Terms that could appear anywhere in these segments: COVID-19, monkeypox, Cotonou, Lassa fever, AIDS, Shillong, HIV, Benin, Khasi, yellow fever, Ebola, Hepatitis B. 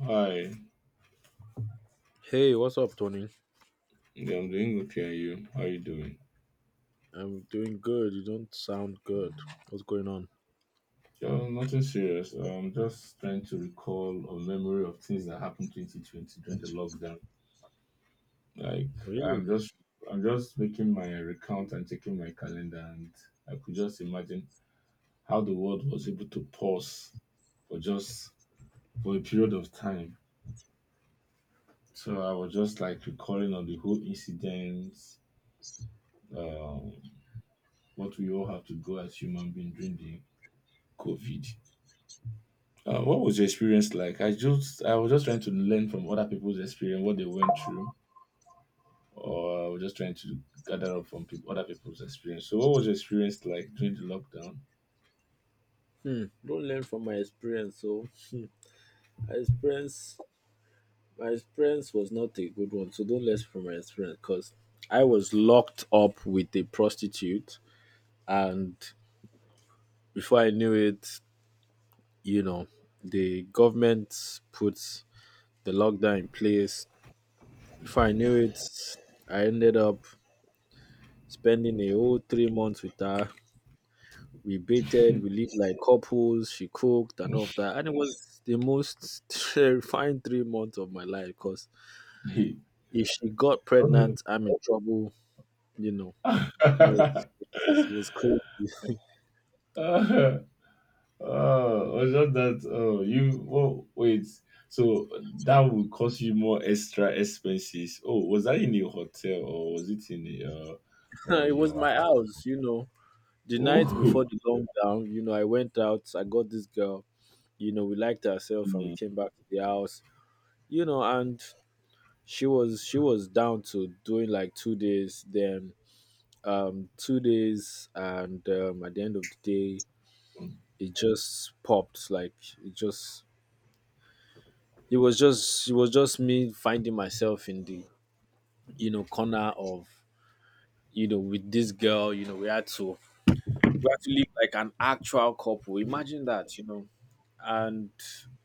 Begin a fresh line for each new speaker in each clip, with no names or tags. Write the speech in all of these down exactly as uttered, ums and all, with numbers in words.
Hi,
Hey, what's up, Tony?
yeah, I'm doing okay. And you? How are you doing?
I'm doing good. You don't sound good. What's going on?
Oh, nothing serious. I'm just trying to recall a memory of things that happened twenty twenty during the lockdown. Like
Really?
I'm just, I'm just making my recount and checking my calendar, and I could just imagine how the world was able to pause for just for a period of time. So I was just like recalling on the whole incident, um, what we all have to go as human beings during the COVID. Uh, what was your experience like? I just I was just trying to learn from other people's experience what they went through, or I was just trying to gather up from people, other people's experience. So, what was your experience like during the lockdown?
Don't learn from my experience. So, my experience, my experience was not a good one. So don't learn from my experience, cause I was locked up with a prostitute, and before I knew it, you know, the government put the lockdown in place. Before I knew it, I ended up spending a whole three months with her. We baited, we lived like couples, she cooked and all of that. And it was the most terrifying three months of my life because if she got
Oh,
pregnant, I'm in trouble, you know. It was it was crazy.
oh, was just that. Oh, you. Oh, wait. So that would cost you more extra expenses. Oh, was that in your hotel or was it in a, uh, or
It
your
was my
apartment?
house, you know. The night
Oh.
before the lockdown, you know, I went out, I got this girl, you know, we liked herself and we came back to the house, you know, and she was she was down to doing like two days, then um two days, and um at the end of the day
Mm,
it just popped. Like it just it was just it was just me finding myself in the, you know, corner of, you know, with this girl. You know, we had to we have to live like an actual couple. Imagine that, you know. And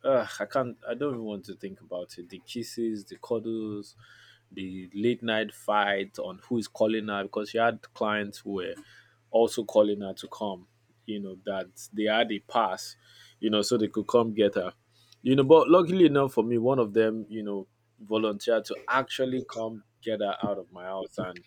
uh, I can't. I don't even want to think about it. The kisses, the cuddles, the late night fight on who is calling her because she had clients who were also calling her to come. You know that they had a pass, you know, so they could come get her. You know, but luckily enough for me, one of them, you know, volunteered to actually come get her out of my house. And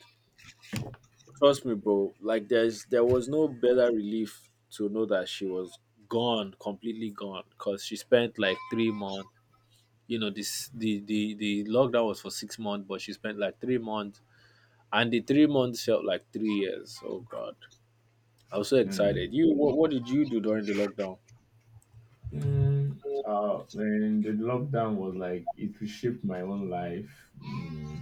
trust me, bro. Like there's there was no better relief to know that she was gone, completely gone. Cause she spent like three months. You know, this the the the lockdown was for six months, but she spent like three months, and the three months felt like three years. Oh God, I was so
mm.
excited. You, what, what did you do during the lockdown?
Mm, uh, when the lockdown was like it reshaped my own life. Mm,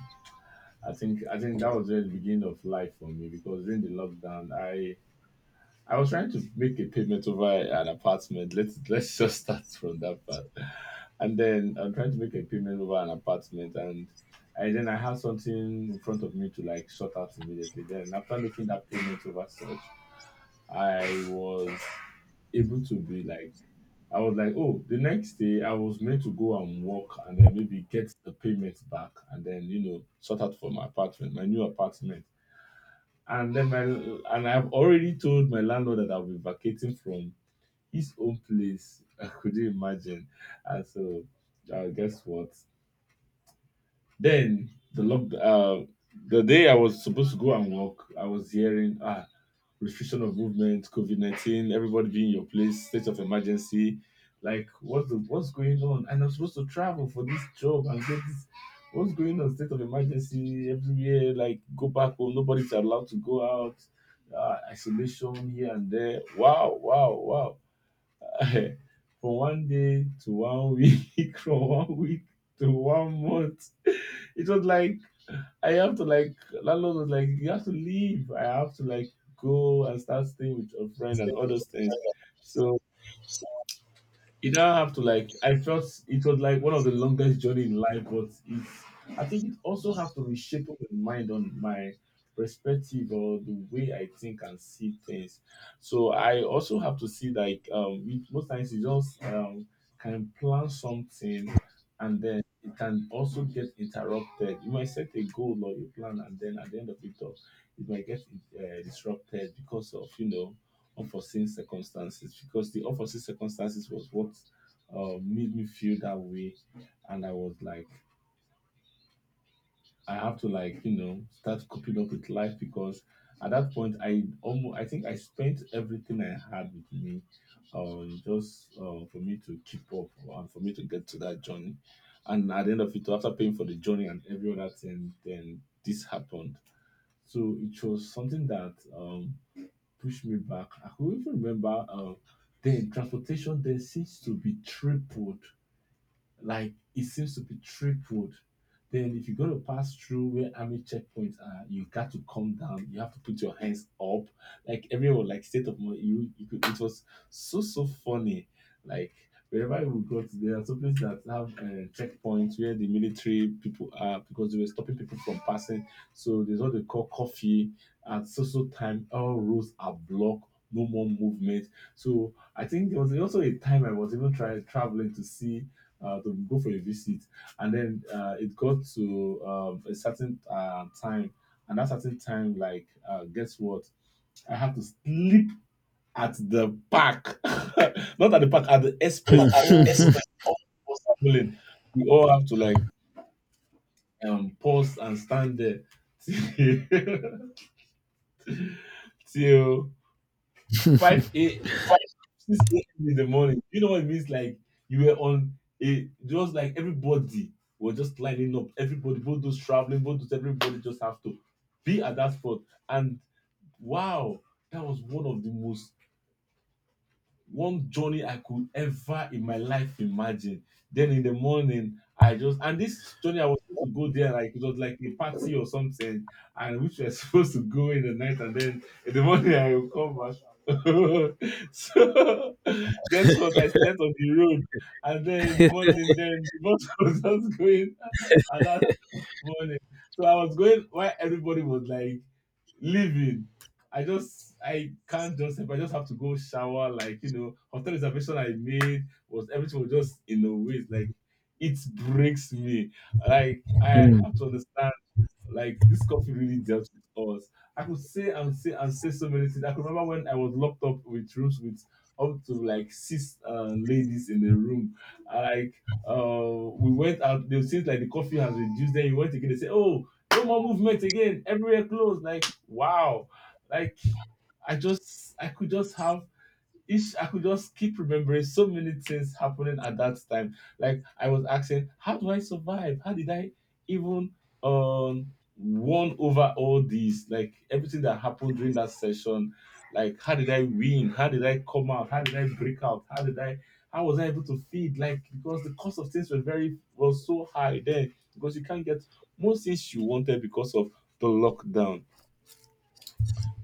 I think I think that was just the beginning of life for me because during the lockdown, I I was trying to make a payment over an apartment. Let's let's just start from that part. And then I'm trying to make a payment over an apartment, and and then I had something in front of me to like sort out immediately. Then after making that payment over such, I was able to be like, I was like, oh, the next day I was meant to go and work and then maybe get the payment back and then, you know, sort out for my apartment, my new apartment. And then my, and I've already told my landlord that I'll be vacating from his own place. I could you imagine? And so, uh, guess what? Then the lock, uh, the day I was supposed to go and work, I was hearing, ah, restriction of movement, COVID nineteen, everybody being in your place, state of emergency. Like, what's the, what's going on? And I'm supposed to travel for this job and get this. What's going on? State of emergency everywhere. Like, go back home. Nobody's allowed to go out. Uh, isolation here and there. Wow, wow, wow. From one day to one week, from one week to one month. It was like I have to like landlord was like, you have to leave. I have to like go and start staying with a friend and all those things. So you not have to like I felt it was like one of the longest journey in life but it's I think it also has to reshape my mind on my perspective or the way I think and see things. So I also have to see like um we- most times you just um can plan something and then it can also get interrupted. You might set a goal or you plan and then at the end of it all it might get uh, disrupted because of, you know, unforeseen circumstances because the unforeseen circumstances was what uh, made me feel that way. And I was like I have to like, you know, start coping up with life because at that point I almost I think I spent everything I had with me uh, just uh, for me to keep up and for me to get to that journey and at the end of it after paying for the journey and every other thing then this happened. So it was something that um push me back. I could even remember uh, then transportation then seems to be tripled like it seems to be tripled. Then if you go to pass through where army checkpoints are, you got to come down. You have to put your hands up. Like everyone, like state of mind. You, you could, it was so so funny. Like wherever we got, there are some places that have uh, checkpoints where the military people are because they were stopping people from passing. So there's what they call coffee at so so time. All roads are blocked. No more movement. So I think there was also a time I was even trying traveling to see uh, to go for a visit. And then uh, it got to um, a certain uh, time, and that certain time, like, uh, guess what? I had to sleep at the park, not at the park, at the express. All buses are pulling. We all have to like um pause and stand there till five a. six a m in the morning. You know what it means? Like you were on a just like everybody was just lining up. Everybody, both those traveling, both those everybody just have to be at that spot. And wow, that was one of the most one journey I could ever in my life imagine. Then in the morning, I just and this journey I was supposed to go there like it was like a party or something, and which we are supposed to go in the night, and then in the morning I will come back. So guess what? I slept on the road, and then in the morning, then the bus was just going, and morning. So I was going while everybody was like leaving. I just I can't just help. I just have to go shower. Like, you know, hotel reservation I made was everything was just in a waste. Like it breaks me. Like I have
Mm.
to understand. Like this coffee really dealt with us. I could say and say and say so many things. I could remember when I was locked up with rooms with up to like six uh, ladies in the room. Like uh, we went out. They since like the coffee has reduced. Then you went again. They say, "Oh, no more movement again. Everywhere closed." Like wow, like I just I could just have each I could just keep remembering so many things happening at that time. Like I was asking, how do I survive? How did I even um won over all these? Like everything that happened during that session. Like how did I win? How did I come out? How did I break out? How did I how was I able to feed? Like because the cost of things were very was so high then because you can't get most things you wanted because of the lockdown.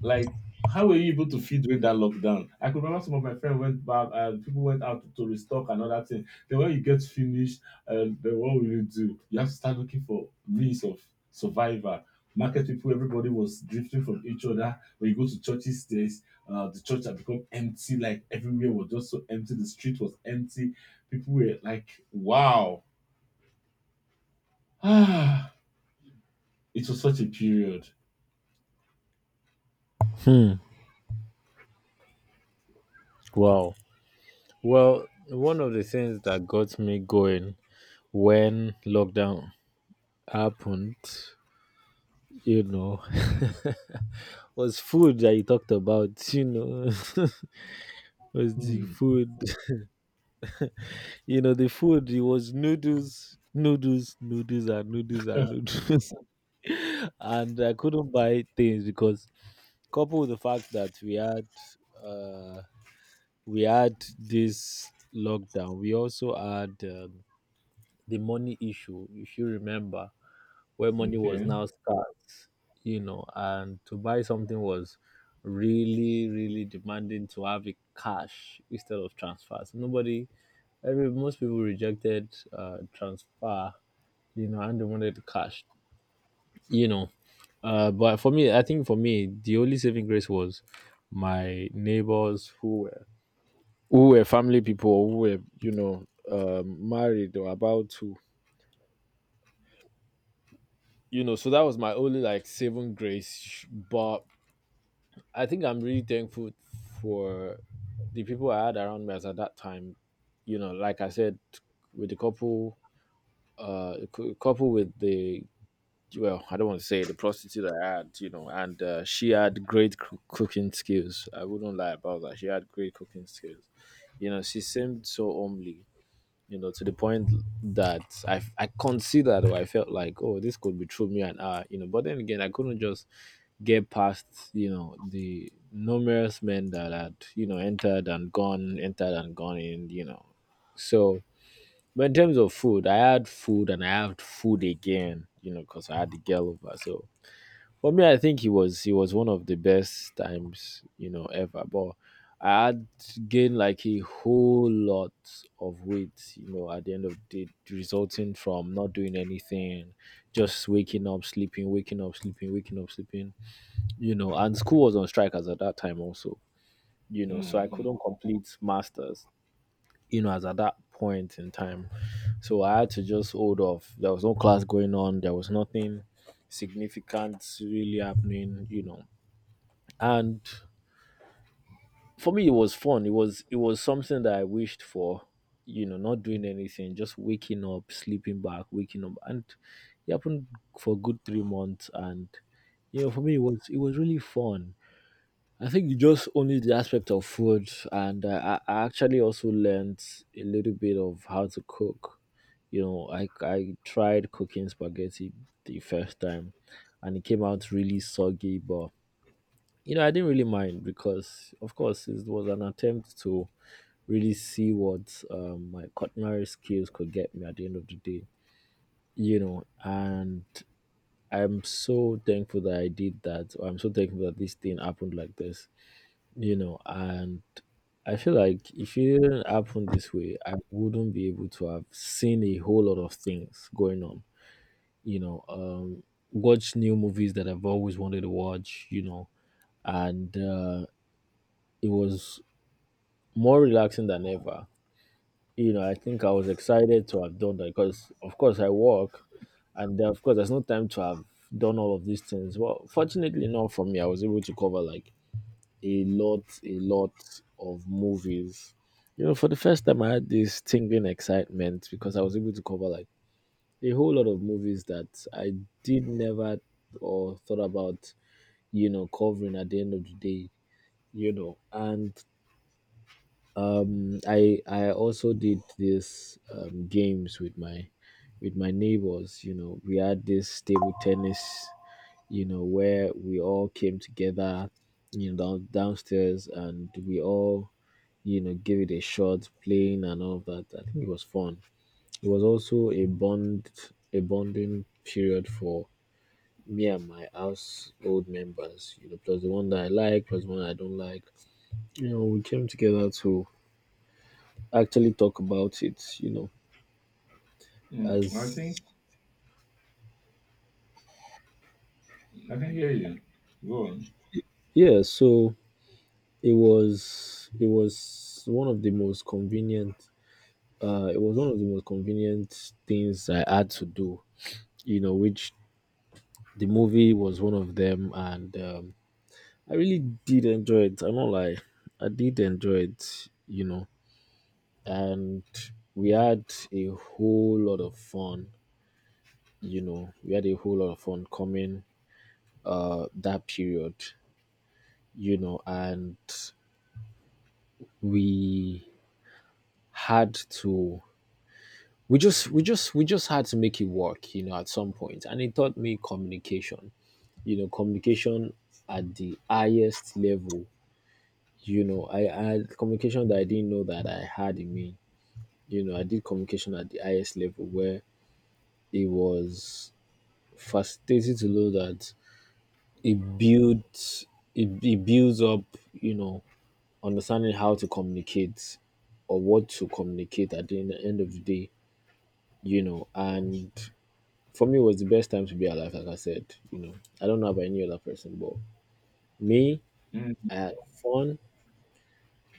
Like, how were you able to feed during that lockdown? I could remember some of my friends went back, uh, people went out to restock and other thing. Then when you get finished, uh, then what will you do? You have to start looking for means of survival. Market people, everybody was drifting from each other. When you go to churches, there's uh, the church had become empty. Like everywhere was just so empty. The street was empty. People were like, "Wow, ah, it was such a period."
Hmm. Wow. Well, one of the things that got me going when lockdown happened, you know, was food that you talked about, you know, was the
Hmm.
food, you know, the food, it was noodles, noodles, noodles, and noodles, and noodles. And I couldn't buy things because, coupled with the fact that we had, uh, we had this lockdown, we also had um, the money issue, if you remember, where money was
Okay.
now scarce, you know, and to buy something was really, really demanding to have it cash instead of transfers. Nobody, every most people rejected uh, transfer, you know, and they wanted cash, you know. Uh, but for me, I think for me, the only saving grace was my neighbors who were who were family people, who were, you know, um, married or about to, you know. So that was my only like saving grace, but I think I'm really thankful for the people I had around me as at that time. You know, like I said, with the couple, uh, cou- couple with the, well, I don't want to say the prostitute I had. You know, and uh, she had great coo- cooking skills. I wouldn't lie about that. She had great cooking skills. You know, she seemed so homely. You know, to the point that I I considered or I felt like, oh, this could be true me and her. You know, but then again, I couldn't just get past, you know, the numerous men that had, you know, entered and gone, entered and gone in, you know. So but in terms of food, I had food, and I had food again, you know, because I had the girl over. So for me, I think he was he was one of the best times, you know, ever. But I had gained like a whole lot of weight, you know, at the end of the day, resulting from not doing anything, just waking up sleeping, waking up sleeping, waking up sleeping, you know. And school was on strike as at that time also, you know, so I
Mm-hmm.
couldn't complete masters, you know, as at that point in time. So I had to just hold off. There was no class going on, there was nothing significant really happening, you know. And for me it was fun. It was it was something that I wished for, you know, not doing anything, just waking up, sleeping back, waking up, and it happened for a good three months. And you know, for me it was it was really fun. I think you just only the aspect of food, and uh, I, I actually also learned a little bit of how to cook. You know, I I tried cooking spaghetti the first time, and it came out really soggy. But you know, I didn't really mind because, of course, it was an attempt to really see what um, my culinary skills could get me at the end of the day. You know, and I'm so thankful that I did that. I'm so thankful that this thing happened like this, you know. And I feel like if it didn't happen this way, I wouldn't be able to have seen a whole lot of things going on. You know, um, watch new movies that I've always wanted to watch. You know, and uh, it was more relaxing than ever. You know, I think I was excited to have done that because, of course, I work, and uh, of course, there's no time to have done all of these things. Well, fortunately, not for me. I was able to cover like a lot, a lot of movies. You know, for the first time, I had this tingling excitement because I was able to cover like a whole lot of movies that I did never or thought about, you know, covering at the end of the day, you know. And um, I I also did this um, games with my with my neighbors. You know, we had this table tennis, you know, where we all came together, you know, down, downstairs, and we all, you know, gave it a shot, playing and all of that. I think it was fun. It was also a bond, a bonding period for me and my household members. You know, plus the one that I like, plus the one I don't like. You know, we came together to actually talk about it. You know,
Mm. I
as
think I can hear you. Go on.
yeah, so it was it was one of the most convenient. Uh, it was one of the most convenient things I had to do. You know, which the movie was one of them, and um, I really did enjoy it. I'm not lie. I did enjoy it, you know. And we had a whole lot of fun, you know. We had a whole lot of fun coming uh that period, you know. And we had to we just we just we just had to make it work, you know, at some point. And it taught me communication, you know, communication at the highest level. You know, I I had communication that I didn't know that I had in me, you know. I did communication at the highest level where it was fascinating to know that it builds it, it builds up, you know, understanding how to communicate or what to communicate at the en- end of the day, you know. And for me, it was the best time to be alive, like I said, you know. I don't know about any other person, but me,
Mm,
I had fun.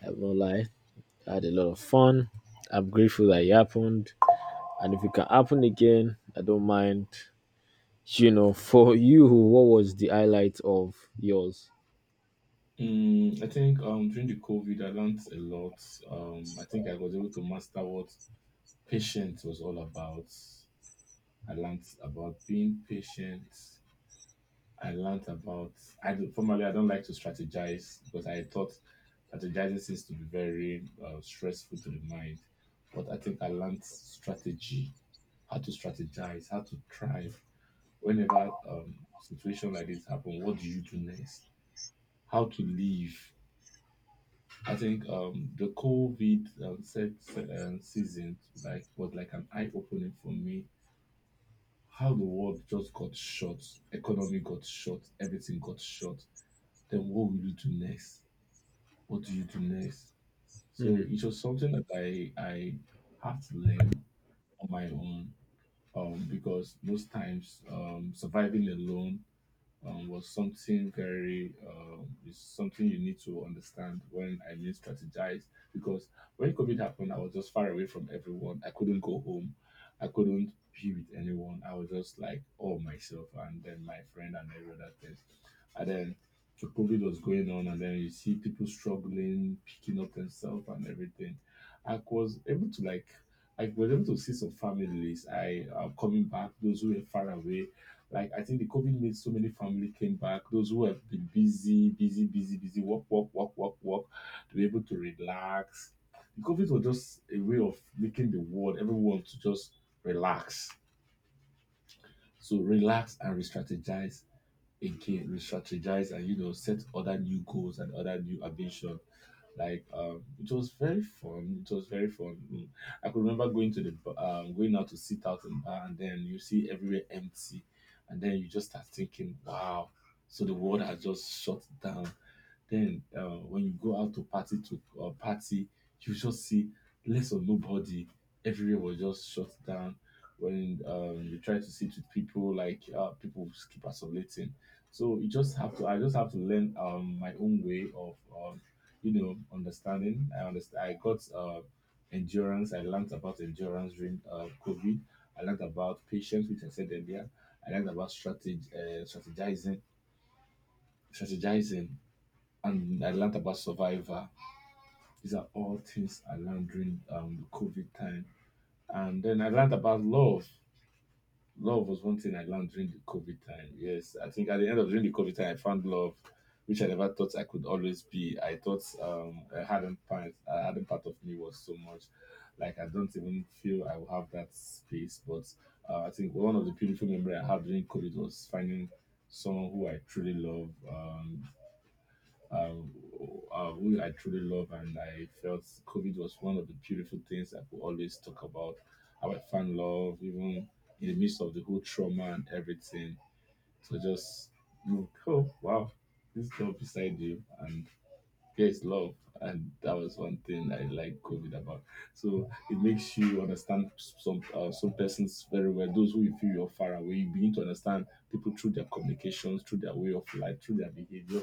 I have no lie. I had a lot of fun. I'm grateful that it happened. And if it can happen again, I don't mind. You know, for you, what was the highlight of yours?
mm, I think um during the COVID, I learned a lot. Um, I think I was able to master what patience was all about. I learned about being patient. I learned about I don't- formerly I don't like to strategize because I thought strategizing seems to be very uh, stressful to the mind. But I think I learned strategy, how to strategize, how to thrive. Whenever um situation like this happen, what do you do next? How to live. I think um, the COVID um, set, se- um, season like was like an eye opening for me. How the world just got shut, economy got shut, everything got shut. Then what will you do next? What do you do next? So
Hmm.
it was something that I I have to learn on my own um, because most times um, surviving alone um, was something very um, is something you need to understand when I mean strategize because when COVID happened, I was just far away from everyone. I couldn't go home. I couldn't be with anyone. I was just like all myself and then my friend and every other thing. And then the COVID was going on, and then you see people struggling, picking up themselves and everything. I was able to like I was able to see some families. I uh, Coming back, those who were far away, like I think the COVID made so many family came back. Those who have been busy, busy, busy, busy, work, work, work, work, work, to be able to relax. The COVID was just a way of making the world, everyone to just relax. So relax and re-strategize again, re-strategize, and, you know, set other new goals and other new ambition. Like um, it was very fun. It was very fun. Mm. I could remember going to the b- um, going out to sit out in bar, and then you see everywhere empty, and then you just start thinking, wow. So the world has just shut down. Then uh, when you go out to party to uh, party, you just see less of nobody. Everywhere was just shut down. When um, you try to sit with people, like uh, people keep isolating. So you just have to. I just have to learn um, my own way of, um, you know, understanding. I understand. I got uh, endurance. I learned about endurance during uh, COVID. I learned about patience, which I said earlier. I learned about strategy, uh, strategizing, strategizing and I learned about Survivor. These are all things I learned during um, the COVID time. And then I learned about love. Love was one thing I learned during the COVID time. Yes, I think at the end of during the COVID time, I found love, which I never thought I could always be. I thought um, I hadn't part, I hadn't part of me was so much. Like I don't even feel I will have that space. But uh, I think one of the beautiful memory I had during COVID was finding someone who I truly love. Um, um, uh, who I truly love, and I felt COVID was one of the beautiful things I could always talk about. How I found love, even in the midst of the whole trauma and everything. So just look, oh wow, this girl beside you, and yes, love. And that was one thing I like COVID about. So it makes you understand some uh, some persons very well. Those who you feel you're far away, you begin to understand people through their communications, through their way of life, through their behavior.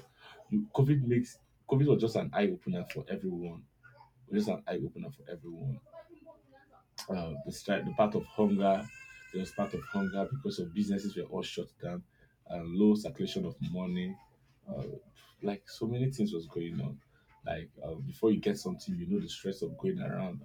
You COVID makes COVID was just an eye opener for everyone. Just an eye opener for everyone, uh, the strike, the part of hunger. There was part of hunger because of businesses were all shut down, and low circulation of money. Uh, like so many things was going on. Like uh, before you get something, you know the stress of going around.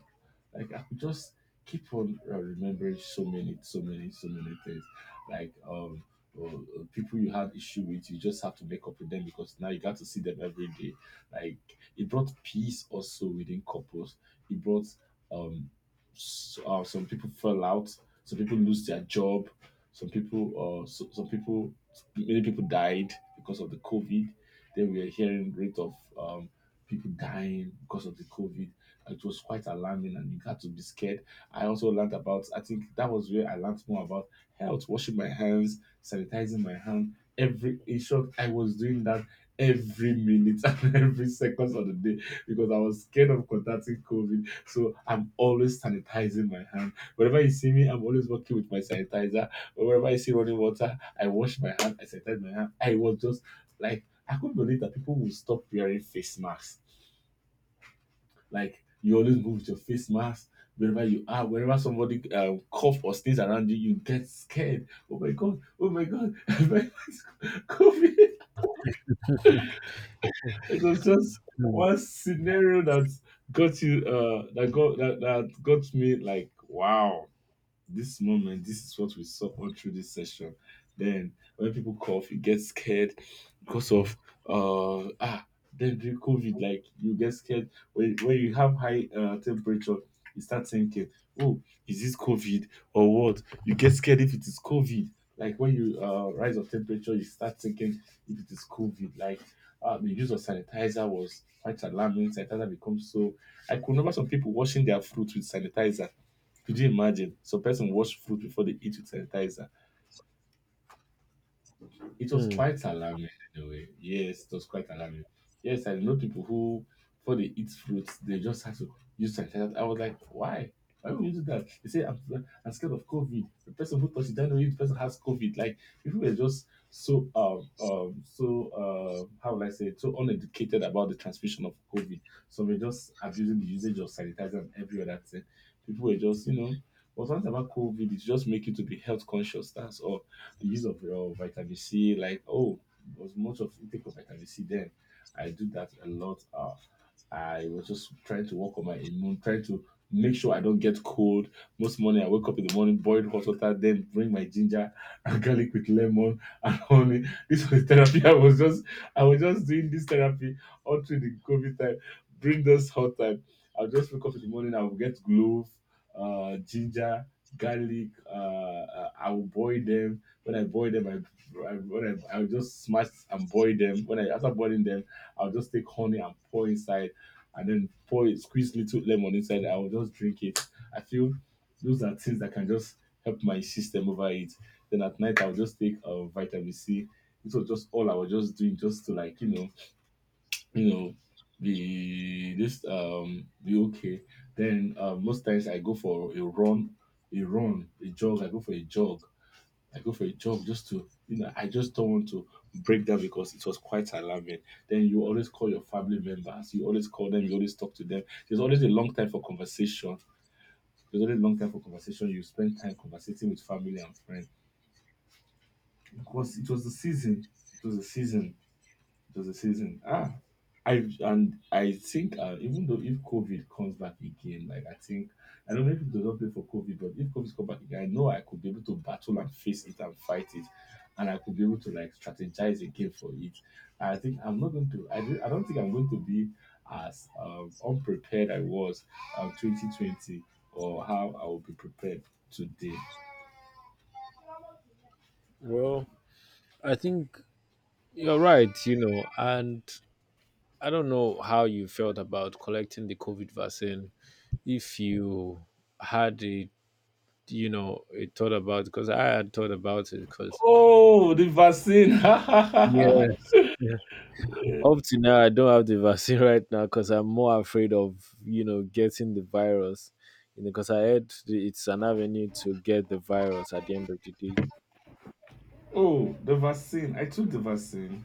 Like I could just keep on uh, remembering so many, so many, so many things. Like um, uh, uh, people you had issue with, you just have to make up with them because now you got to see them every day. Like it brought peace also within couples. It brought um S- uh, some people fall out, some people lose their job, some people, uh, so, some people, many people died because of the COVID. Then we are hearing rate of um, people dying because of the COVID. It was quite alarming, and you got to be scared. I also learned about. I think that was where I learned more about health, washing my hands, sanitizing my hand. Every in short, I was doing that every minute and every seconds of the day because I was scared of contacting COVID, so I'm always sanitizing my hand. Whenever you see me, I'm always working with my sanitizer. Whenever I see running water, I wash my hand, I sanitize my hand. I was just like, I couldn't believe that people will stop wearing face masks. Like, you always move with your face mask wherever you are. Whenever somebody um, cough or sneeze around you, you get scared. Oh my God, oh my God, my face COVID. It was just one scenario that got you uh that got that, that got me like wow, this moment, this is what we saw all through this session. Then when people cough, you get scared because of uh ah then during COVID, like you get scared when when you have high uh, temperature, you start thinking, oh, is this COVID or what? You get scared if it is COVID. Like when you uh, rise of temperature, you start thinking if it is COVID. Like uh, the use of sanitizer was quite alarming. Sanitizer becomes so. I could remember some people washing their fruit with sanitizer, could you imagine? Some person wash fruit before they eat with sanitizer. It was
Hmm.
quite alarming in a way. Yes, it was quite alarming. Yes, I know people who, before they eat fruits, they just have to use sanitizer. I was like, why? Why would you do that? They say, I'm, I'm scared of COVID. The person who touched it, I know if the person has COVID. Like, people were just so, um, um, so, uh, how will I say it? So uneducated about the transmission of COVID. So we're just abusing the usage of sanitizer and every other thing. People were just, you know, what's once about COVID, it's just make you to be health conscious. That's all the use of your vitamin C, like, oh, there was much of intake of vitamin C then. I do that a lot. Uh, I was just trying to work on my immune, trying to make sure I don't get cold. Most morning I wake up in the morning, boil hot water, then bring my ginger and garlic with lemon and honey. This was therapy. I was just I was just doing this therapy all through the COVID time. Bring this hot time. I'll just wake up in the morning, I will get clove, uh, ginger, garlic, uh, uh, I will boil them, when I boil them, I, I when I, I would just smash and boil them. When I after boiling them, I'll just take honey and pour inside, and then pour it, squeeze little lemon inside. I will just drink it. I feel those are things that can just help my system over it. Then at night, I'll just take uh, vitamin C. It was just all I was just doing, just to like you know, you know, be this um be okay. Then uh, most times I go for a run, a run, a jog. I go for a jog I go for a jog just to, you know, I just don't want to break down because it was quite alarming. Then you always call your family members, you always call them, you always talk to them. There's always a long time for conversation. There's always a long time for conversation. You spend time conversating with family and friends. Because it was the season. It was the season it was a season. Ah, I and I think uh, even though if COVID comes back again, like I think I don't know if it does not play for COVID, but if COVID comes back again, I know I could be able to battle and face it and fight it, and I could be able to like strategize again for it. And I think I'm not going to. I don't, I don't think I'm going to be as um, unprepared I was um, twenty twenty or how I will be prepared today.
Well, I think you're right, you know. And I don't know how you felt about collecting the COVID vaccine. If you had a, you know, a thought about because I had thought about it because
Oh, the vaccine!
yes. Yeah. Up to now, I don't have the vaccine right now because I'm more afraid of, you know, getting the virus. You know, because I heard the- it's an avenue to get the virus at the end of the day.
Oh, the vaccine! I took the vaccine.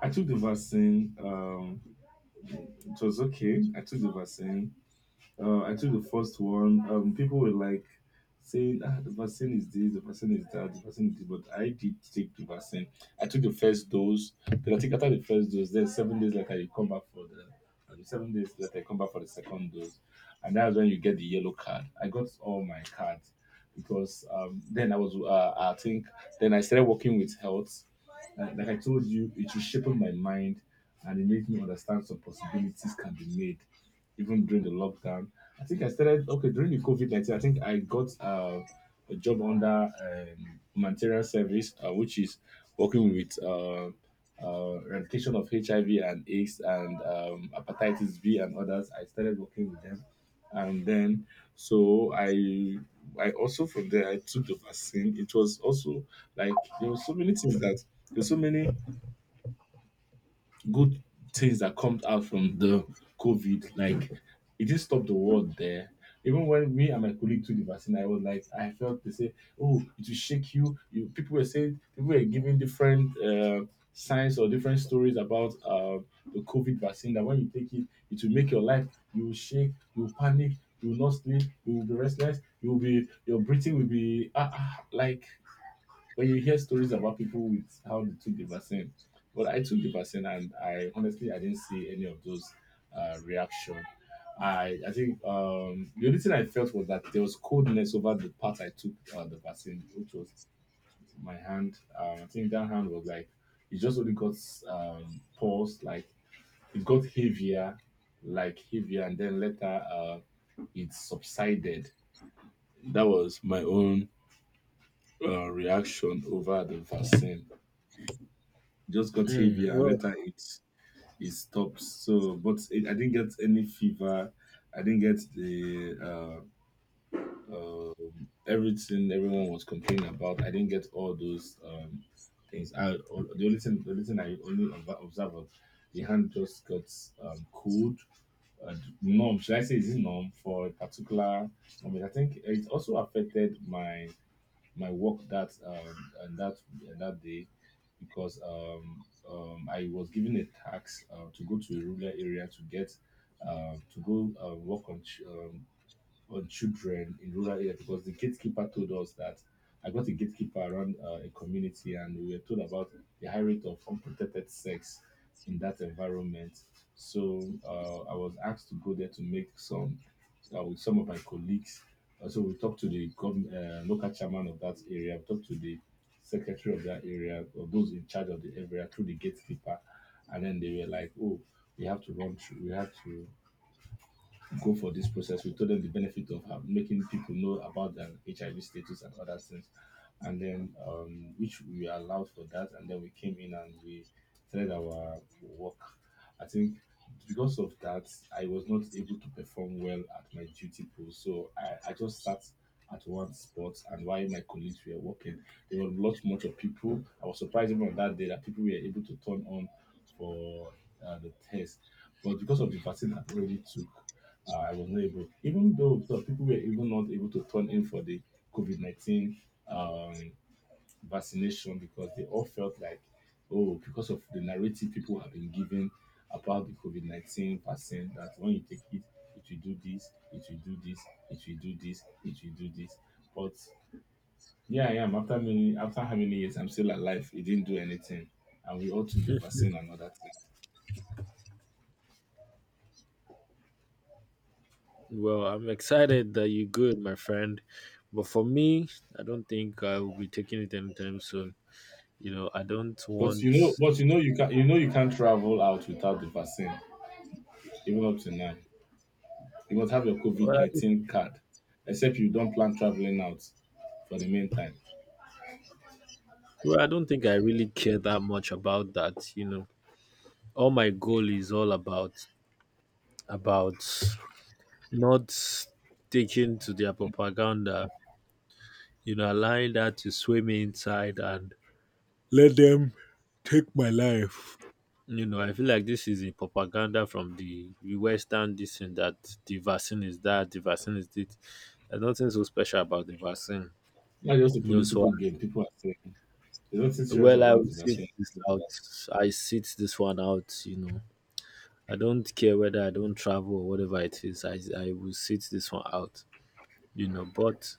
I took the vaccine. Um, it was okay. I took the vaccine. Uh, I took the first one. Um, people were like saying, ah, the vaccine is this, the vaccine is that, the vaccine is this. But I did take the vaccine. I took the first dose. Then I think after the first dose, then seven days later, you come back for the. I mean, seven days later, you come back for the second dose, and that's when you get the yellow card. I got all my cards because um, then I was, uh, I think, then I started working with health. Like, like I told you, it was shaping my mind and it made me understand some possibilities can be made even during the lockdown. I think I started, okay, during the COVID nineteen, I think I got uh, a job under um, humanitarian service, uh, which is working with uh, uh, eradication of H I V and AIDS and um, hepatitis B and others. I started working with them and then so I I also from there I took the vaccine. It was also like there were so many things that there were so many good things that comes out from the COVID. Like it didn't stop the world there. Even when me and my colleague took the vaccine, I was like, I felt they say, oh, it will shake you. You people were saying people were giving different uh, signs or different stories about uh, the COVID vaccine that when you take it, it will make your life. You will shake. You will panic. You will not sleep. You will be restless. You will be your breathing will be ah, ah like when you hear stories about people with how they took the vaccine, but I took the vaccine and I honestly I didn't see any of those uh, reaction. I I think um, the only thing I felt was that there was coldness over the part I took uh, the vaccine, which was my hand. Um, I think that hand was like it just only got um, paused, like it got heavier, like heavier, and then later uh, it subsided. That was my own uh, reaction over the vaccine. Just got
Mm,
heavier and
well,
later it it stopped. So, but it, I didn't get any fever. I didn't get the uh, uh, everything everyone was complaining about. I didn't get all those um, things. I all, the only thing the only thing I only ob- observed was the hand just got um, cold. Uh, numb, should I say, is it numb for a particular moment? I think it also affected my my work that um, and that and that day because um, um, I was given a task uh, to go to a rural area to get um, to go uh, work on ch- um, on children in rural areas because the gatekeeper told us that I got a gatekeeper around uh, a community and we were told about the high rate of unprotected sex in that environment. So uh, I was asked to go there to make some uh, with some of my colleagues. Uh, so we talked to the gov- uh, local chairman of that area, we talked to the secretary of that area, or those in charge of the area through the gatekeeper, and then they were like, "Oh, we have to run through, we have to go for this process." We told them the benefit of uh, making people know about their H I V status and other things. And then, um, which we were allowed for that. And then we came in and we started our work. I think because of that, I was not able to perform well at my duty post. So I, I just sat at one spot, and while my colleagues were working, there were lots much of people. I was surprised even on that day that people were able to turn on for uh, the test. But because of the vaccine I already took, uh, I was not able, even though some people were even not able to turn in for the COVID nineteen um, vaccination, because they all felt like, oh, because of the narrative people have been given about the COVID nineteen vaccine, that when you take it, it will do this, it will do this, it will do this, it will do this. But yeah, I am. After many, after how many years, I'm still alive. It didn't do anything, and we all took the vaccine and all that thing.
well, I'm excited that you're good, my friend. But for me, I don't think I will be taking it anytime soon. You know, I don't
But you know,
want.
but you know, you can, you know, you can't travel out without the vaccine. Even up to nine. You must have your
Well,
COVID
I don't-
nineteen card, except you don't plan traveling out for the meantime.
well, I don't think I really care that much about that. You know, all my goal is all about about not sticking to their propaganda. You know, allowing that to swim inside and let them take my life. You know, I feel like this is a propaganda from the Western this and that, the vaccine is that, the vaccine is this. There's nothing so special about the vaccine.
Not just a
You know,
political
so
game, people are saying. There's nothing serious
well, I
about
will
the
sit
vaccine.
this out. I sit this one out, you know. I don't care whether I don't travel or whatever it is, I I will sit this one out. You know, but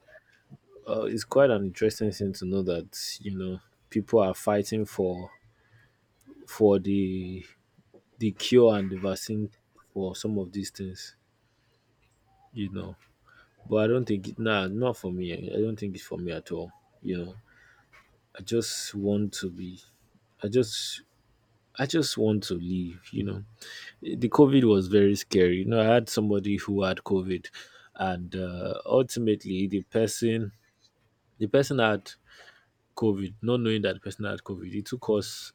uh, it's quite an interesting thing to know that, you know, people are fighting for for the the cure and the vaccine for some of these things, you know. But I don't think it, nah, not for me. I don't think it's for me at all. You know, I just want to be. I just. I just want to live, you know. The COVID was very scary. You know, I had somebody who had COVID, and uh, ultimately, the person, the person had COVID, not knowing that the person had COVID. It took us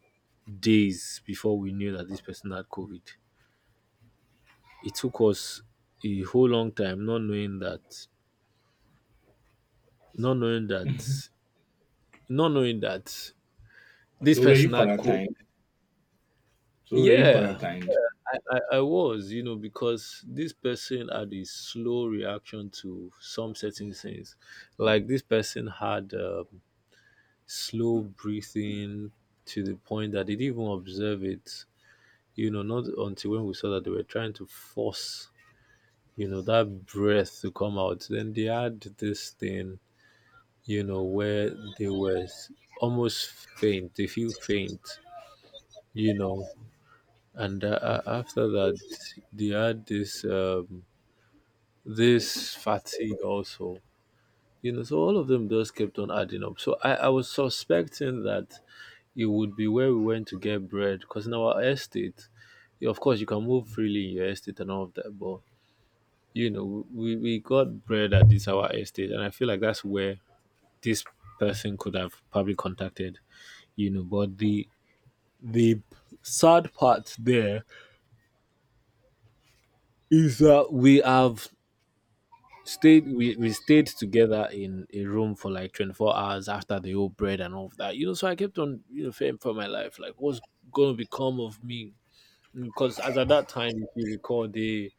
days before we knew that this person had COVID. It took us a whole long time not knowing that. Not knowing that not knowing that this
So, were you
person had co-
quarantined? So, were you
Yeah,
quarantined?
I, I, I was, you know, because this person had a slow reaction to some certain things. Like this person had um, slow breathing to the point that they didn't even observe it, you know, not until when we saw that they were trying to force, you know, that breath to come out. Then they had this thing, you know, where they were s- almost faint, they feel faint, you know. And uh, uh, after that they had this um this fatigue also, you know. So all of them just kept on adding up. So i i was suspecting that it would be where we went to get bread, because in our estate, yeah, of course you can move freely in your estate and all of that, but you know, we we got bread at this our estate, and I feel like that's where this person could have probably contacted, you know. But the the sad part there is that we have stayed, we, we stayed together in a room for like twenty-four hours after the whole bread and all of that, you know. So I kept on, you know, fearing for my life, like what's gonna become of me, because as at that time, if you recall, they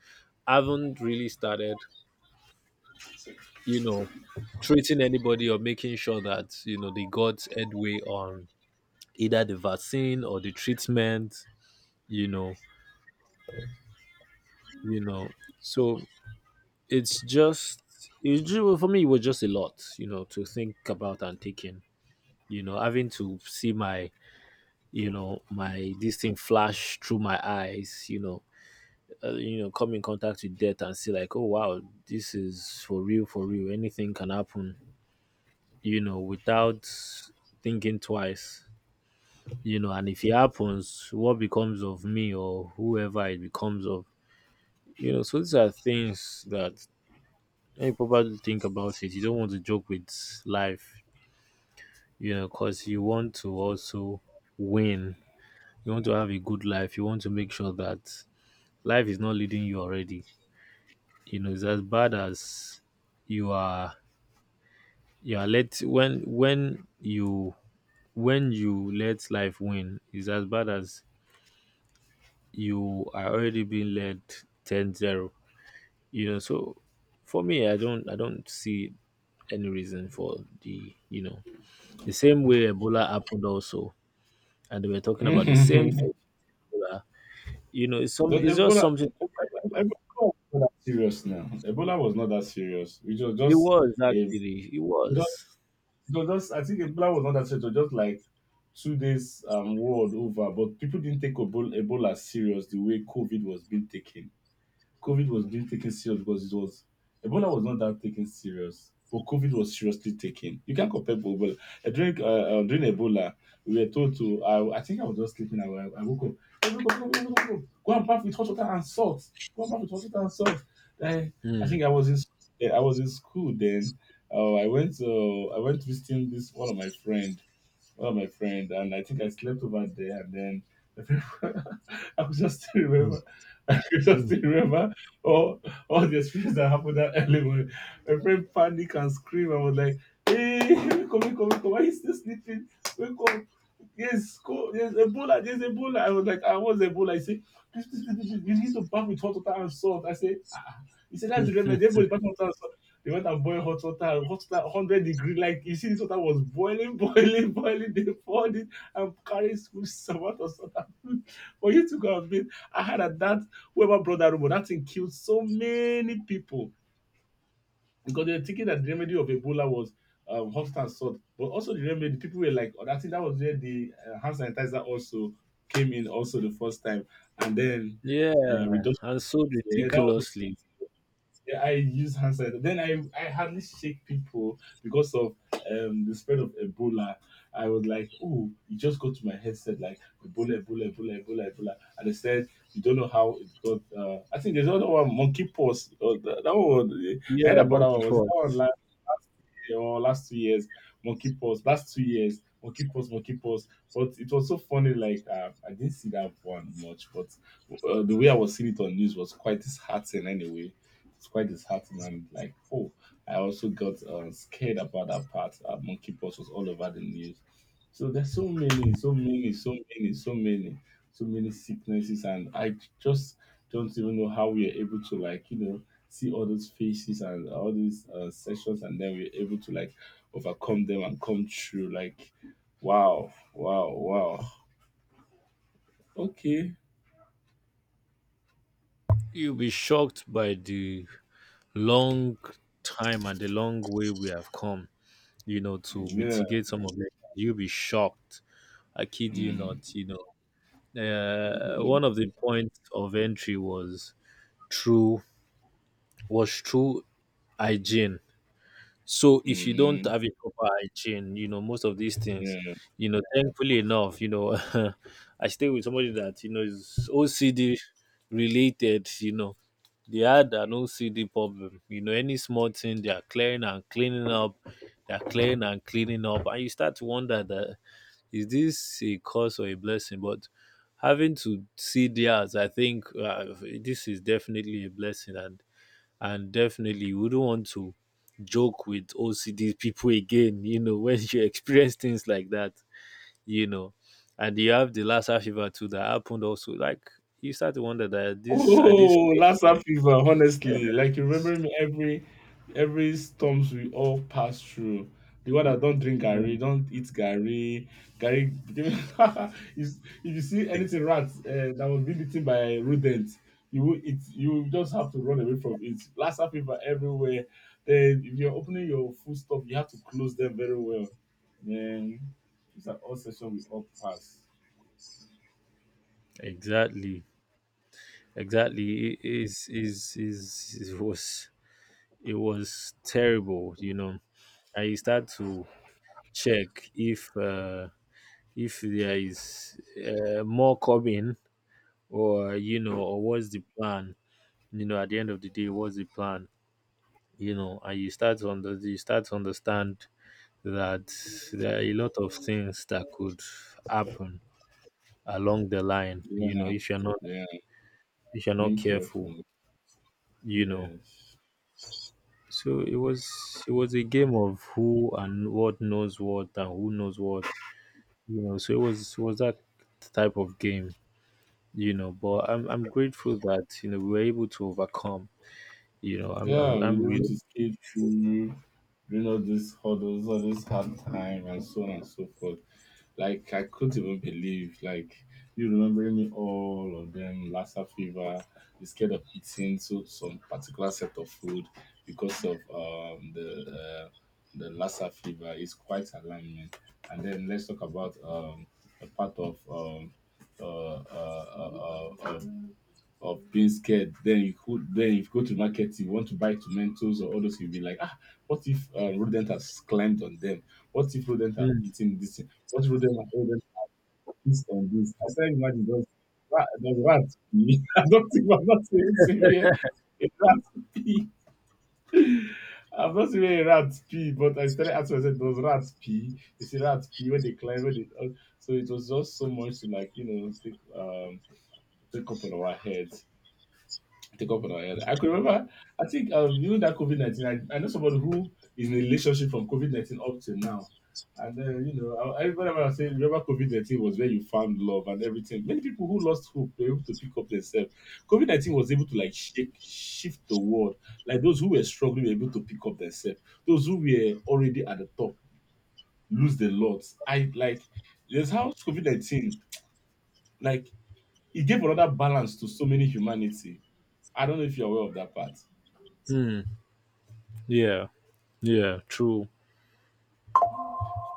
haven't really started, you know, treating anybody or making sure that, you know, they got headway on either the vaccine or the treatment, you know you know So it's just, it, ju- for me it was just a lot, you know, to think about and take in, you know, having to see my, you know, my this thing flash through my eyes, you know, uh, you know, come in contact with death and see like, oh wow, this is for real, for real. Anything can happen, you know, without thinking twice, you know. And if it happens, what becomes of me or whoever it becomes of, you know. So these are things that when you probably think about it, you don't want to joke with life, you know, because you want to also win, you want to have a good life, you want to make sure that life is not leading you already. You know, it's as bad as you are you are let when when you when you let life win, it's as bad as you are already being led ten zero. You know, so for me, I don't I don't see any reason for the, you know, the same way Ebola happened also, and they were talking about the same thing. Ebola. You know, it's some,
But
it's just
Ebola,
something.
Ebola was not that serious now. Ebola was not that serious. It was
It
just
was
a
actually, it
just
was.
it was just, I think Ebola was not that serious. It was just like two days um world over. But people didn't take Ebola, Ebola serious the way COVID was being taken. COVID was being taken serious because it was Ebola was not that taken serious, but COVID was seriously taken. You can't compare both. But uh, during uh, uh, during Ebola, we were told to. I, I think I was just sleeping. I, I woke up. "Hey, go, go, go, go, go, go. Go and bath with hot water and salt. Go and bath with hot water and salt." I, I
Mm.
think I was in. Yeah, I was in school then. Uh, I went. Uh, I went visiting this one of my friend one of my friend, and I think I slept over there. And then I could just still
Mm,
remember, I could just
mm.
still remember all, all the experience that happened that early morning. My friend panic and scream. I was like, hey, wake up, wake up, wake up. Why are you still sleeping? Wake up. Yes, go. Yes, Ebola. There's Ebola. I was like, I was Ebola. I say, please, please, please, please, you need to bath with hot water and salt. I say, ah. ah. He said, that's the remedy. Everybody bath with hot water and salt. They went and boiled hot water, hot water, one hundred degree. Like, you see, this water was boiling, boiling, boiling. They poured it and carried school some amount of salt. For you to go and bathe, I had at that whoever brought that rumor, that thing killed so many people because they were thinking that the remedy of Ebola was um, hot and salt, but also the remedy. People were like, "Oh, that thing that was where the uh, hand sanitizer also came in, also the first time, and then
Yeah,
uh, reduction."
and so
Yeah, that was
ridiculously.
yeah, I use hand sanitizer. Then I, I hardly shake people because of um, the spread of Ebola. I was like, oh, it just got to my headset like Ebola, Ebola, Ebola, Ebola, Ebola. And they said, you don't know how it got. Uh, I think there's another one, monkey pox. Or that, that one, was- I heard
Yeah,
about that
monkey
one. Was it
court.
that one last, last year or last two years? Monkey pox, last two years, monkey pox, monkey pox. But it was so funny, like, uh, I didn't see that one much, but uh, the way I was seeing it on news was quite disheartening anyway, it's quite disheartening. And like, oh, I also got uh, scared about that part. Uh, monkeypox was all over the news. So there's so many, so many, so many, so many, so many sicknesses, and I just don't even know how we are able to like, you know, see all those faces and all these uh, sessions, and then we're able to like overcome them and come through. Like, wow, wow, wow. Okay.
You'll be shocked by the long time and the long way we have come, you know, to
Yeah.
mitigate some of it. You'll be shocked. I kid you
Mm.
not, you know. Uh, one of the points of entry was true was true hygiene. So if you don't
Mm-hmm.
have a proper hygiene, you know, most of these things,
Yeah.
you know, thankfully enough, you know, I stay with somebody that, you know, is O C D related, you know, they had an O C D problem. You know, any small thing, they are clearing and cleaning up, they are clearing and cleaning up. And you start to wonder that, is this a curse or a blessing? But having to see theirs, I think uh, this is definitely a blessing. And and definitely we do not want to joke with O C D people again, you know, when you experience things like that, you know. And you have the Lassa fever too that happened also. Like, you start to wonder that at this at this
Oh, Lassa fever, honestly. Like you remember me every every storms we all pass through. The one that don't drink Gary,
Mm,
don't eat Gary. Gary became if if you see
e-
anything rat uh, that was being eaten by rodent, you will it you will just have to run away from it. Lassa fever everywhere. Then if you're opening your food stuff, you have to close them very well. Then it's an all session we all pass.
exactly. Exactly. It is is is it was, it was terrible, you know. And you start to check if uh, if there is uh, more coming, or you know, or what's the plan, you know, at the end of the day, what's the plan, you know. And you start to under you start to understand that there are a lot of things that could happen along the line, you know,
Yeah,
if you're not,
yeah.
if you're not
Being
careful,
careful.
you know.
Yes.
So it was, it was a game of who and what knows what and who knows what, you know. So it was, it was that type of game, you know. But i'm i'm grateful that, you know, we were able to overcome, you know. i'm
Yeah,
i'm,
we
I'm
able
really.
to skate through during all these hurdles, all this hard time, and so on and so forth. Like I couldn't even believe, like you remembering me all of them, Lassa fever, you scared of eating so some particular set of food because of um the uh, the Lassa fever is quite alarming. And then let's talk about um a part of um uh, uh, uh, uh, uh, of being scared. Then you could then if you go to the market, you want to buy tomatoes or others, you'll be like, ah, what if uh, rodent has climbed on them? What if rodent have
Hmm,
eaten this thing? What if rodent have rodent have pissed on this? I can't imagine those rat, those rats pee. I don't think I'm not even seeing here a rat pee. I've not seen a rat pee, but I started asking myself, does rats pee? You see rats pee when they climb, when they, uh, so it was just so much to like, you know, take um take up on our heads. Take up on our head. I could remember, I think um, even that COVID nineteen, I, I know somebody who is in a relationship from COVID nineteen up to now. And then, you know, I, I remember I was saying, remember COVID nineteen was where you found love and everything. Many people who lost hope were able to pick up themselves. COVID nineteen was able to like shake, shift the world. Like those who were struggling were able to pick up themselves. Those who were already at the top lose the lot. I like, there's how COVID nineteen, like, it gave another balance to so many humanity. I don't know if you're aware of that part.
hmm, yeah, yeah, true.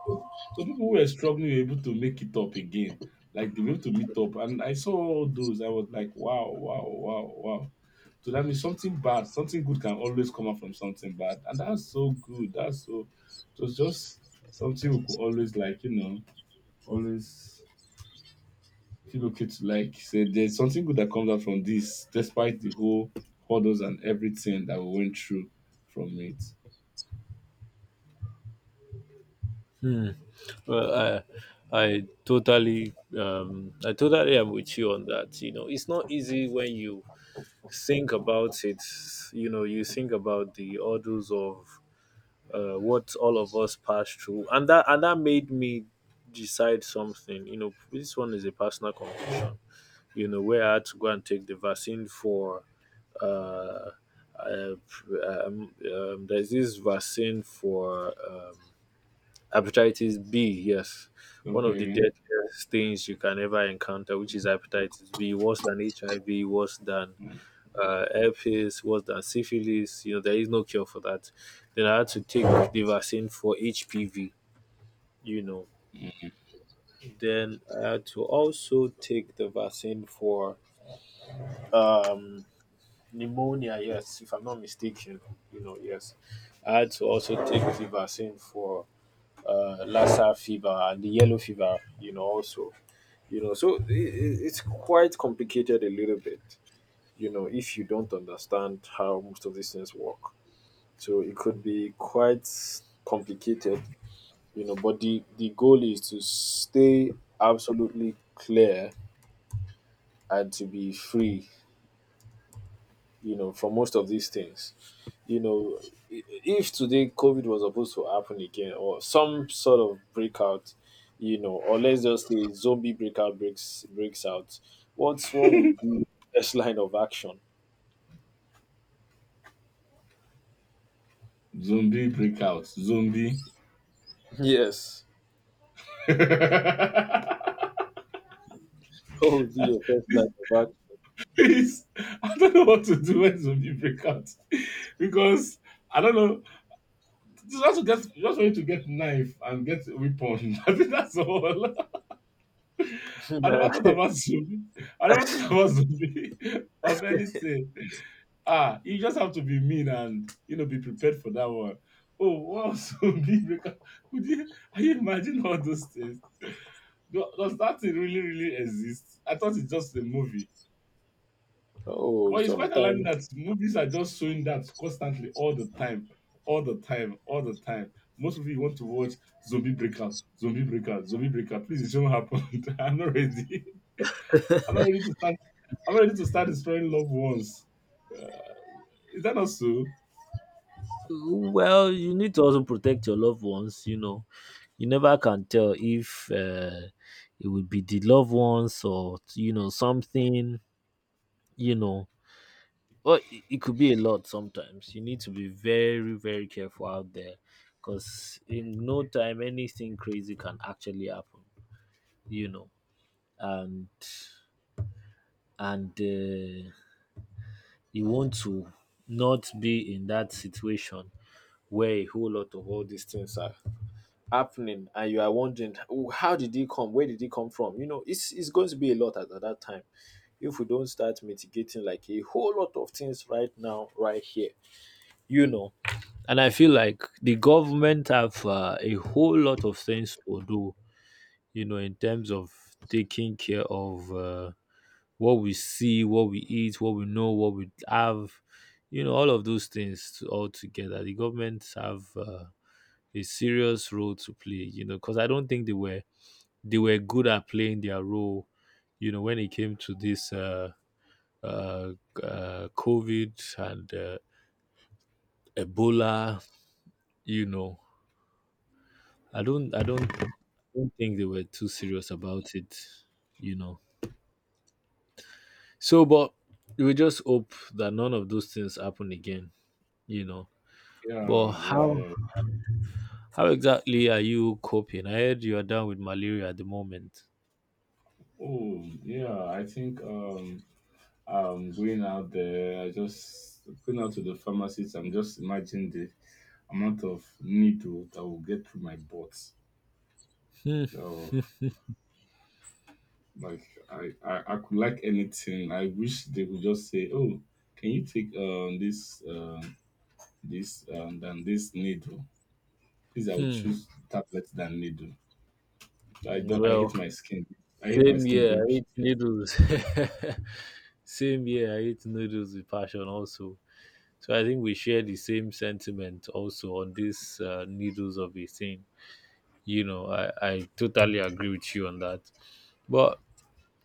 So so people who were struggling were able to make it up again. Like they were able to meet up. And I saw all those. I was like, wow, wow, wow, wow. So that means something bad, something good can always come out from something bad. And that's so good. That's so it was just something we could always like, you know, always feel okay to like say there's something good that comes out from this, despite the whole hurdles and everything that we went through from it.
Hmm. Well, I I totally, um I totally am with you on that. You know, it's not easy when you think about it. You know, you think about the hurdles of uh, what all of us passed through, and that and that made me decide something. You know, this one is a personal confession. You know, where I had to go and take the vaccine for. Uh, uh, um, um, there's this vaccine for um, Hepatitis B, yes. One of the
Okay.
deadliest things you can ever encounter, which is hepatitis B, worse than H I V, worse than uh, herpes, worse than syphilis. You know, there is no cure for that. Then I had to take the vaccine for H P V, you know. Then I had to also take the vaccine for um, pneumonia, yes, if I'm not mistaken, you know, yes. I had to also take the vaccine for uh, Lassa fever and the yellow fever, you know, also, you know. So i i- it's quite complicated a little bit, you know, if you don't understand how most of these things work. So it could be quite complicated, you know, but the, the goal is to stay absolutely clear and to be free, you know, for most of these things. You know, i- if today COVID was supposed to happen again or some sort of breakout, you know, or let's just say zombie breakout breaks breaks out, what's, what would be first line of action?
Zombie breakout. Zombie.
Yes. Oh dear, first line of
It's, I don't know what to do when zombie break out because I don't know. Just want to get just want you to get knife and get weapon. I think that's all. I never
action.
thought about zombie. I never thought about zombie of anything. Ah, you just have to be mean and you know be prepared for that one. Oh, wow, zombie break out. Could you? Are you imagine all those things? Do- Does that thing really really exist? I thought it's just a movie.
Oh,
Well, it's quite alarming
sometimes.
that movies are just showing that constantly, all the time, all the time, all the time. Most of you want to watch zombie breakout, zombie breakout, zombie breakout. Please, it shouldn't happen. I'm not ready. I'm not ready to start. I'm not ready to start destroying loved ones. Is that not so?
Well, you need to also protect your loved ones. You know, you never can tell if uh, it would be the loved ones or, you know, something. You know, well, it, it could be a lot sometimes. You need to be very, very careful out there because in no time anything crazy can actually happen, you know. And and uh, you want to not be in that situation where a whole lot of all these things are happening and you are wondering, "Oh, how did he come, where did he come from?" You know, it's it's going to be a lot at, at that time if we don't start mitigating like a whole lot of things right now, right here, you know. And I feel like the government have uh, a whole lot of things to do, you know, in terms of taking care of uh, what we see, what we eat, what we know, what we have, you know, all of those things all together. The government have uh, a serious role to play, you know, because I don't think they were, they were good at playing their role, you know, when it came to this uh, uh, uh COVID and uh, Ebola, you know. I don't I don't don't think they were too serious about it, you know. So, but we just hope that none of those things happen again, you know.
Yeah,
But
yeah,
how
yeah.
how exactly are you coping? I heard you are down with malaria at the moment.
Oh, yeah. I think um, um, going out there, I just going out to the pharmacist. I'm just imagining the amount of needle that will get through my butt. Like I, I, I could like anything. I wish they would just say, "Oh, can you take um this um this um than this needle? Please, I would
Hmm.
choose tablet than needle. I don't. I hate
Well,
my skin. I hate my
same
skin
year
being
I eat
pierced.
noodles. Same year I eat noodles with passion also. So I think we share the same sentiment also on this uh, needles of a thing. You know, I, I totally agree with you on that. But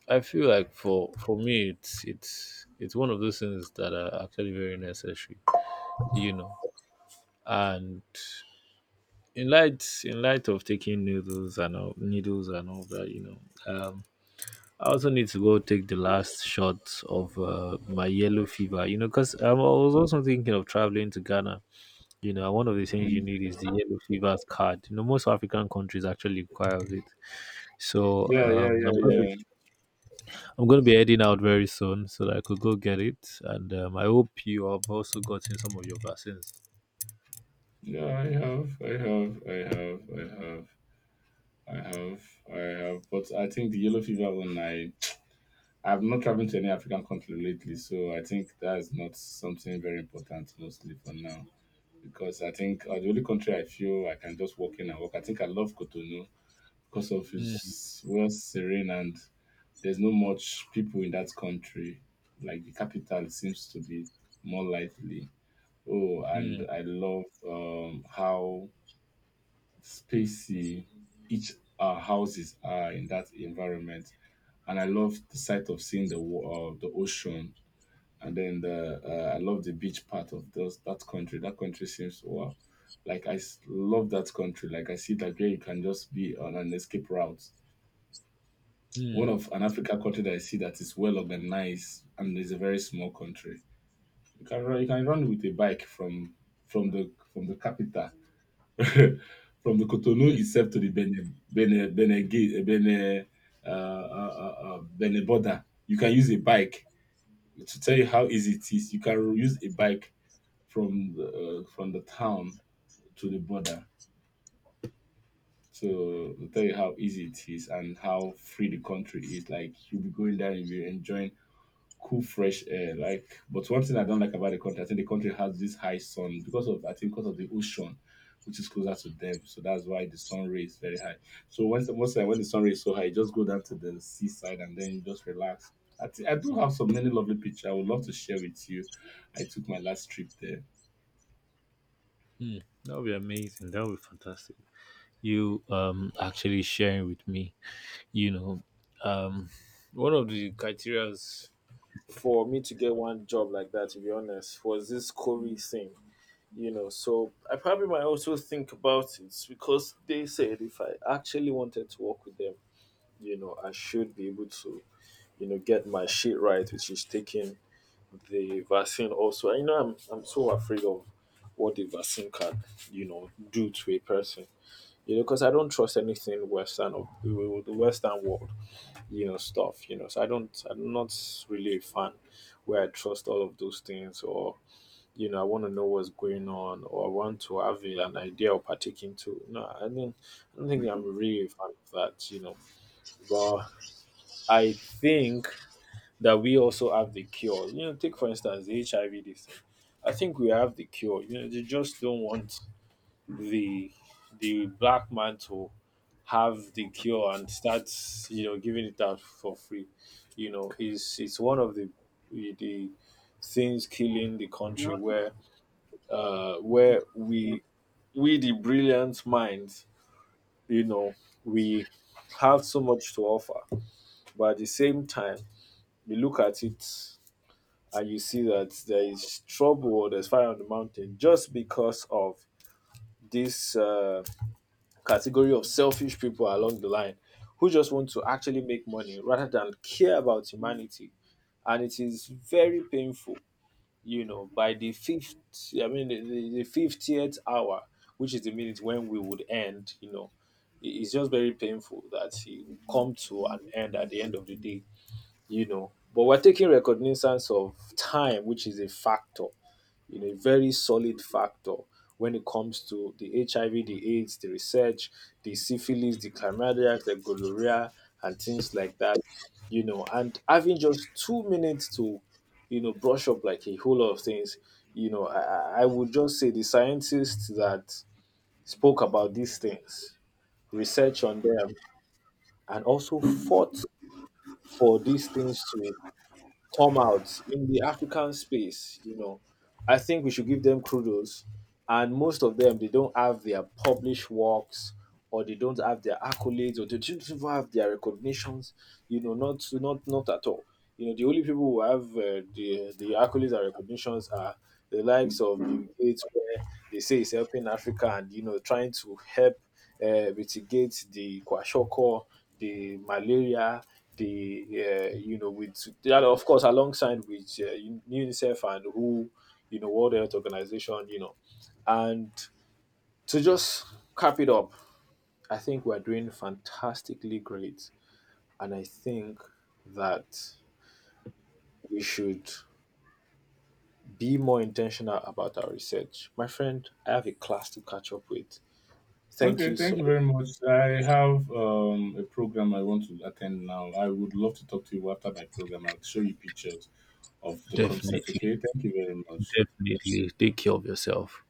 I feel like for for me, it's it's it's one of those things that are actually very necessary, you know. And in light in light of taking needles and all, needles and all that, you know, um, I also need to go take the last shot of uh, my yellow fever, you know, because um, I was also thinking of traveling to Ghana. You know, and one of the things you
Mm.
need is the yellow fever card. You know, most African countries actually require it. So
Yeah, yeah,
um, I'm
yeah,
going to.
yeah,
I'm going to be heading out very soon so that I could go get it. And um, I hope you have also gotten some of your vaccines.
yeah. I have, I have, I have, I have, I have, I have. But I think the yellow fever one, I I've not traveled to any African country lately, so I think that's not something very important mostly for now. Because I think uh, the only country I feel I can just walk in and walk. I think I love Cotonou because of
Mm,
its well serene and there's no much people in that country. Like the capital seems to be more lively. Oh, and
mm,
I love um, how spacey each uh, houses are in that environment, and I love the sight of seeing the wa- uh, the ocean and then the uh, I love the beach part of those that country. That country seems wow, like I s- love that country. Like I see that where you can just be on an escape route. One
mm.
of an Africa country that I see that is well organized and is a very small country. You can run, you can run with a bike from from the from the capital, from the Cotonou itself to the Benin Benin Benin Gate- Benin uh, uh, uh, uh, Benin border. You can use a bike to tell you how easy it is. You can use a bike from the, uh, from the town to the border. So to tell you how easy it is and how free the country is. Like you'll be going there and you'll be enjoying cool fresh air. Like, but one thing I don't like about the country, I think the country has this high sun because of I think because of the ocean, which is closer to them. So that's why the sun ray is very high. So once most time when the sun ray is so high, you just go down to the seaside and then you just relax. I, thi- I do have some many lovely pictures. I would love to share with you. I took my last trip there.
That would be amazing. That would be fantastic. You um actually sharing with me, you know, um, one of the criterias for me to get one job like that, to be honest, was this Corey thing. You know, so I probably might also think about it because they said if I actually wanted to work with them, you know, I should be able to, you know, get my shit right, which is taking the vaccine also. I know I'm I'm so afraid of what the vaccine can, you know, do to a person. You know, because I don't trust anything Western of the Western world, you know, stuff. You know, so I don't. I'm not really a fan where I trust all of those things, or, you know, I want to know what's going on, or I want to have a- an idea of partaking to. No, I don't. I don't think I'm really a fan of that. You know, but I think that we also have the cure. You know, take for instance the H I V this thing. I think we have the cure. You know, they just don't want the the black man to have the cure and start, you know, giving it out for free. You know, is it's one of the the things killing the country where uh where we we the brilliant minds, you know, we have so much to offer. But at the same time, we look at it and you see that there is trouble or there's fire on the mountain just because of this uh, category of selfish people along the line who just want to actually make money rather than care about humanity. And it is very painful, you know, by the fifth, I mean, the, the, the fiftieth hour, which is the minute when we would end, you know, it- it's just very painful that he will come to an end at the end of the day, you know. But we're taking recognizance of time, which is a factor, you know, a very solid factor when it comes to the H I V, the AIDS, the research, the syphilis, the chlamydia, the gonorrhea, and things like that. You know, and having just two minutes to, you know, brush up like a whole lot of things, you know, I, I I would just say the scientists that spoke about these things, research on them, and also fought for these things to come out in the African space, you know, I think we should give them kudos. And most of them, they don't have their published works or they don't have their accolades or they don't even have their recognitions, you know, not not not at all. You know, the only people who have uh, the the accolades and recognitions are the likes of Bill Gates, where they say he's helping Africa and, you know, trying to help uh, mitigate the kwashiorkor, the malaria, the uh, you know with that of course alongside with uh, UNICEF and W H O, you know, World Health Organization, you know, and to just cap it up, I think we're doing fantastically great, and I think that we should be more intentional about our research. My friend, I have a class to catch up with. Thank
Okay,
you so
thank you
much.
very much. I have um, a program I want to attend now. I would love to talk to you after my program. I'll show you pictures of the concept.
Definitely,
Okay, thank you very much.
definitely. Take care of yourself.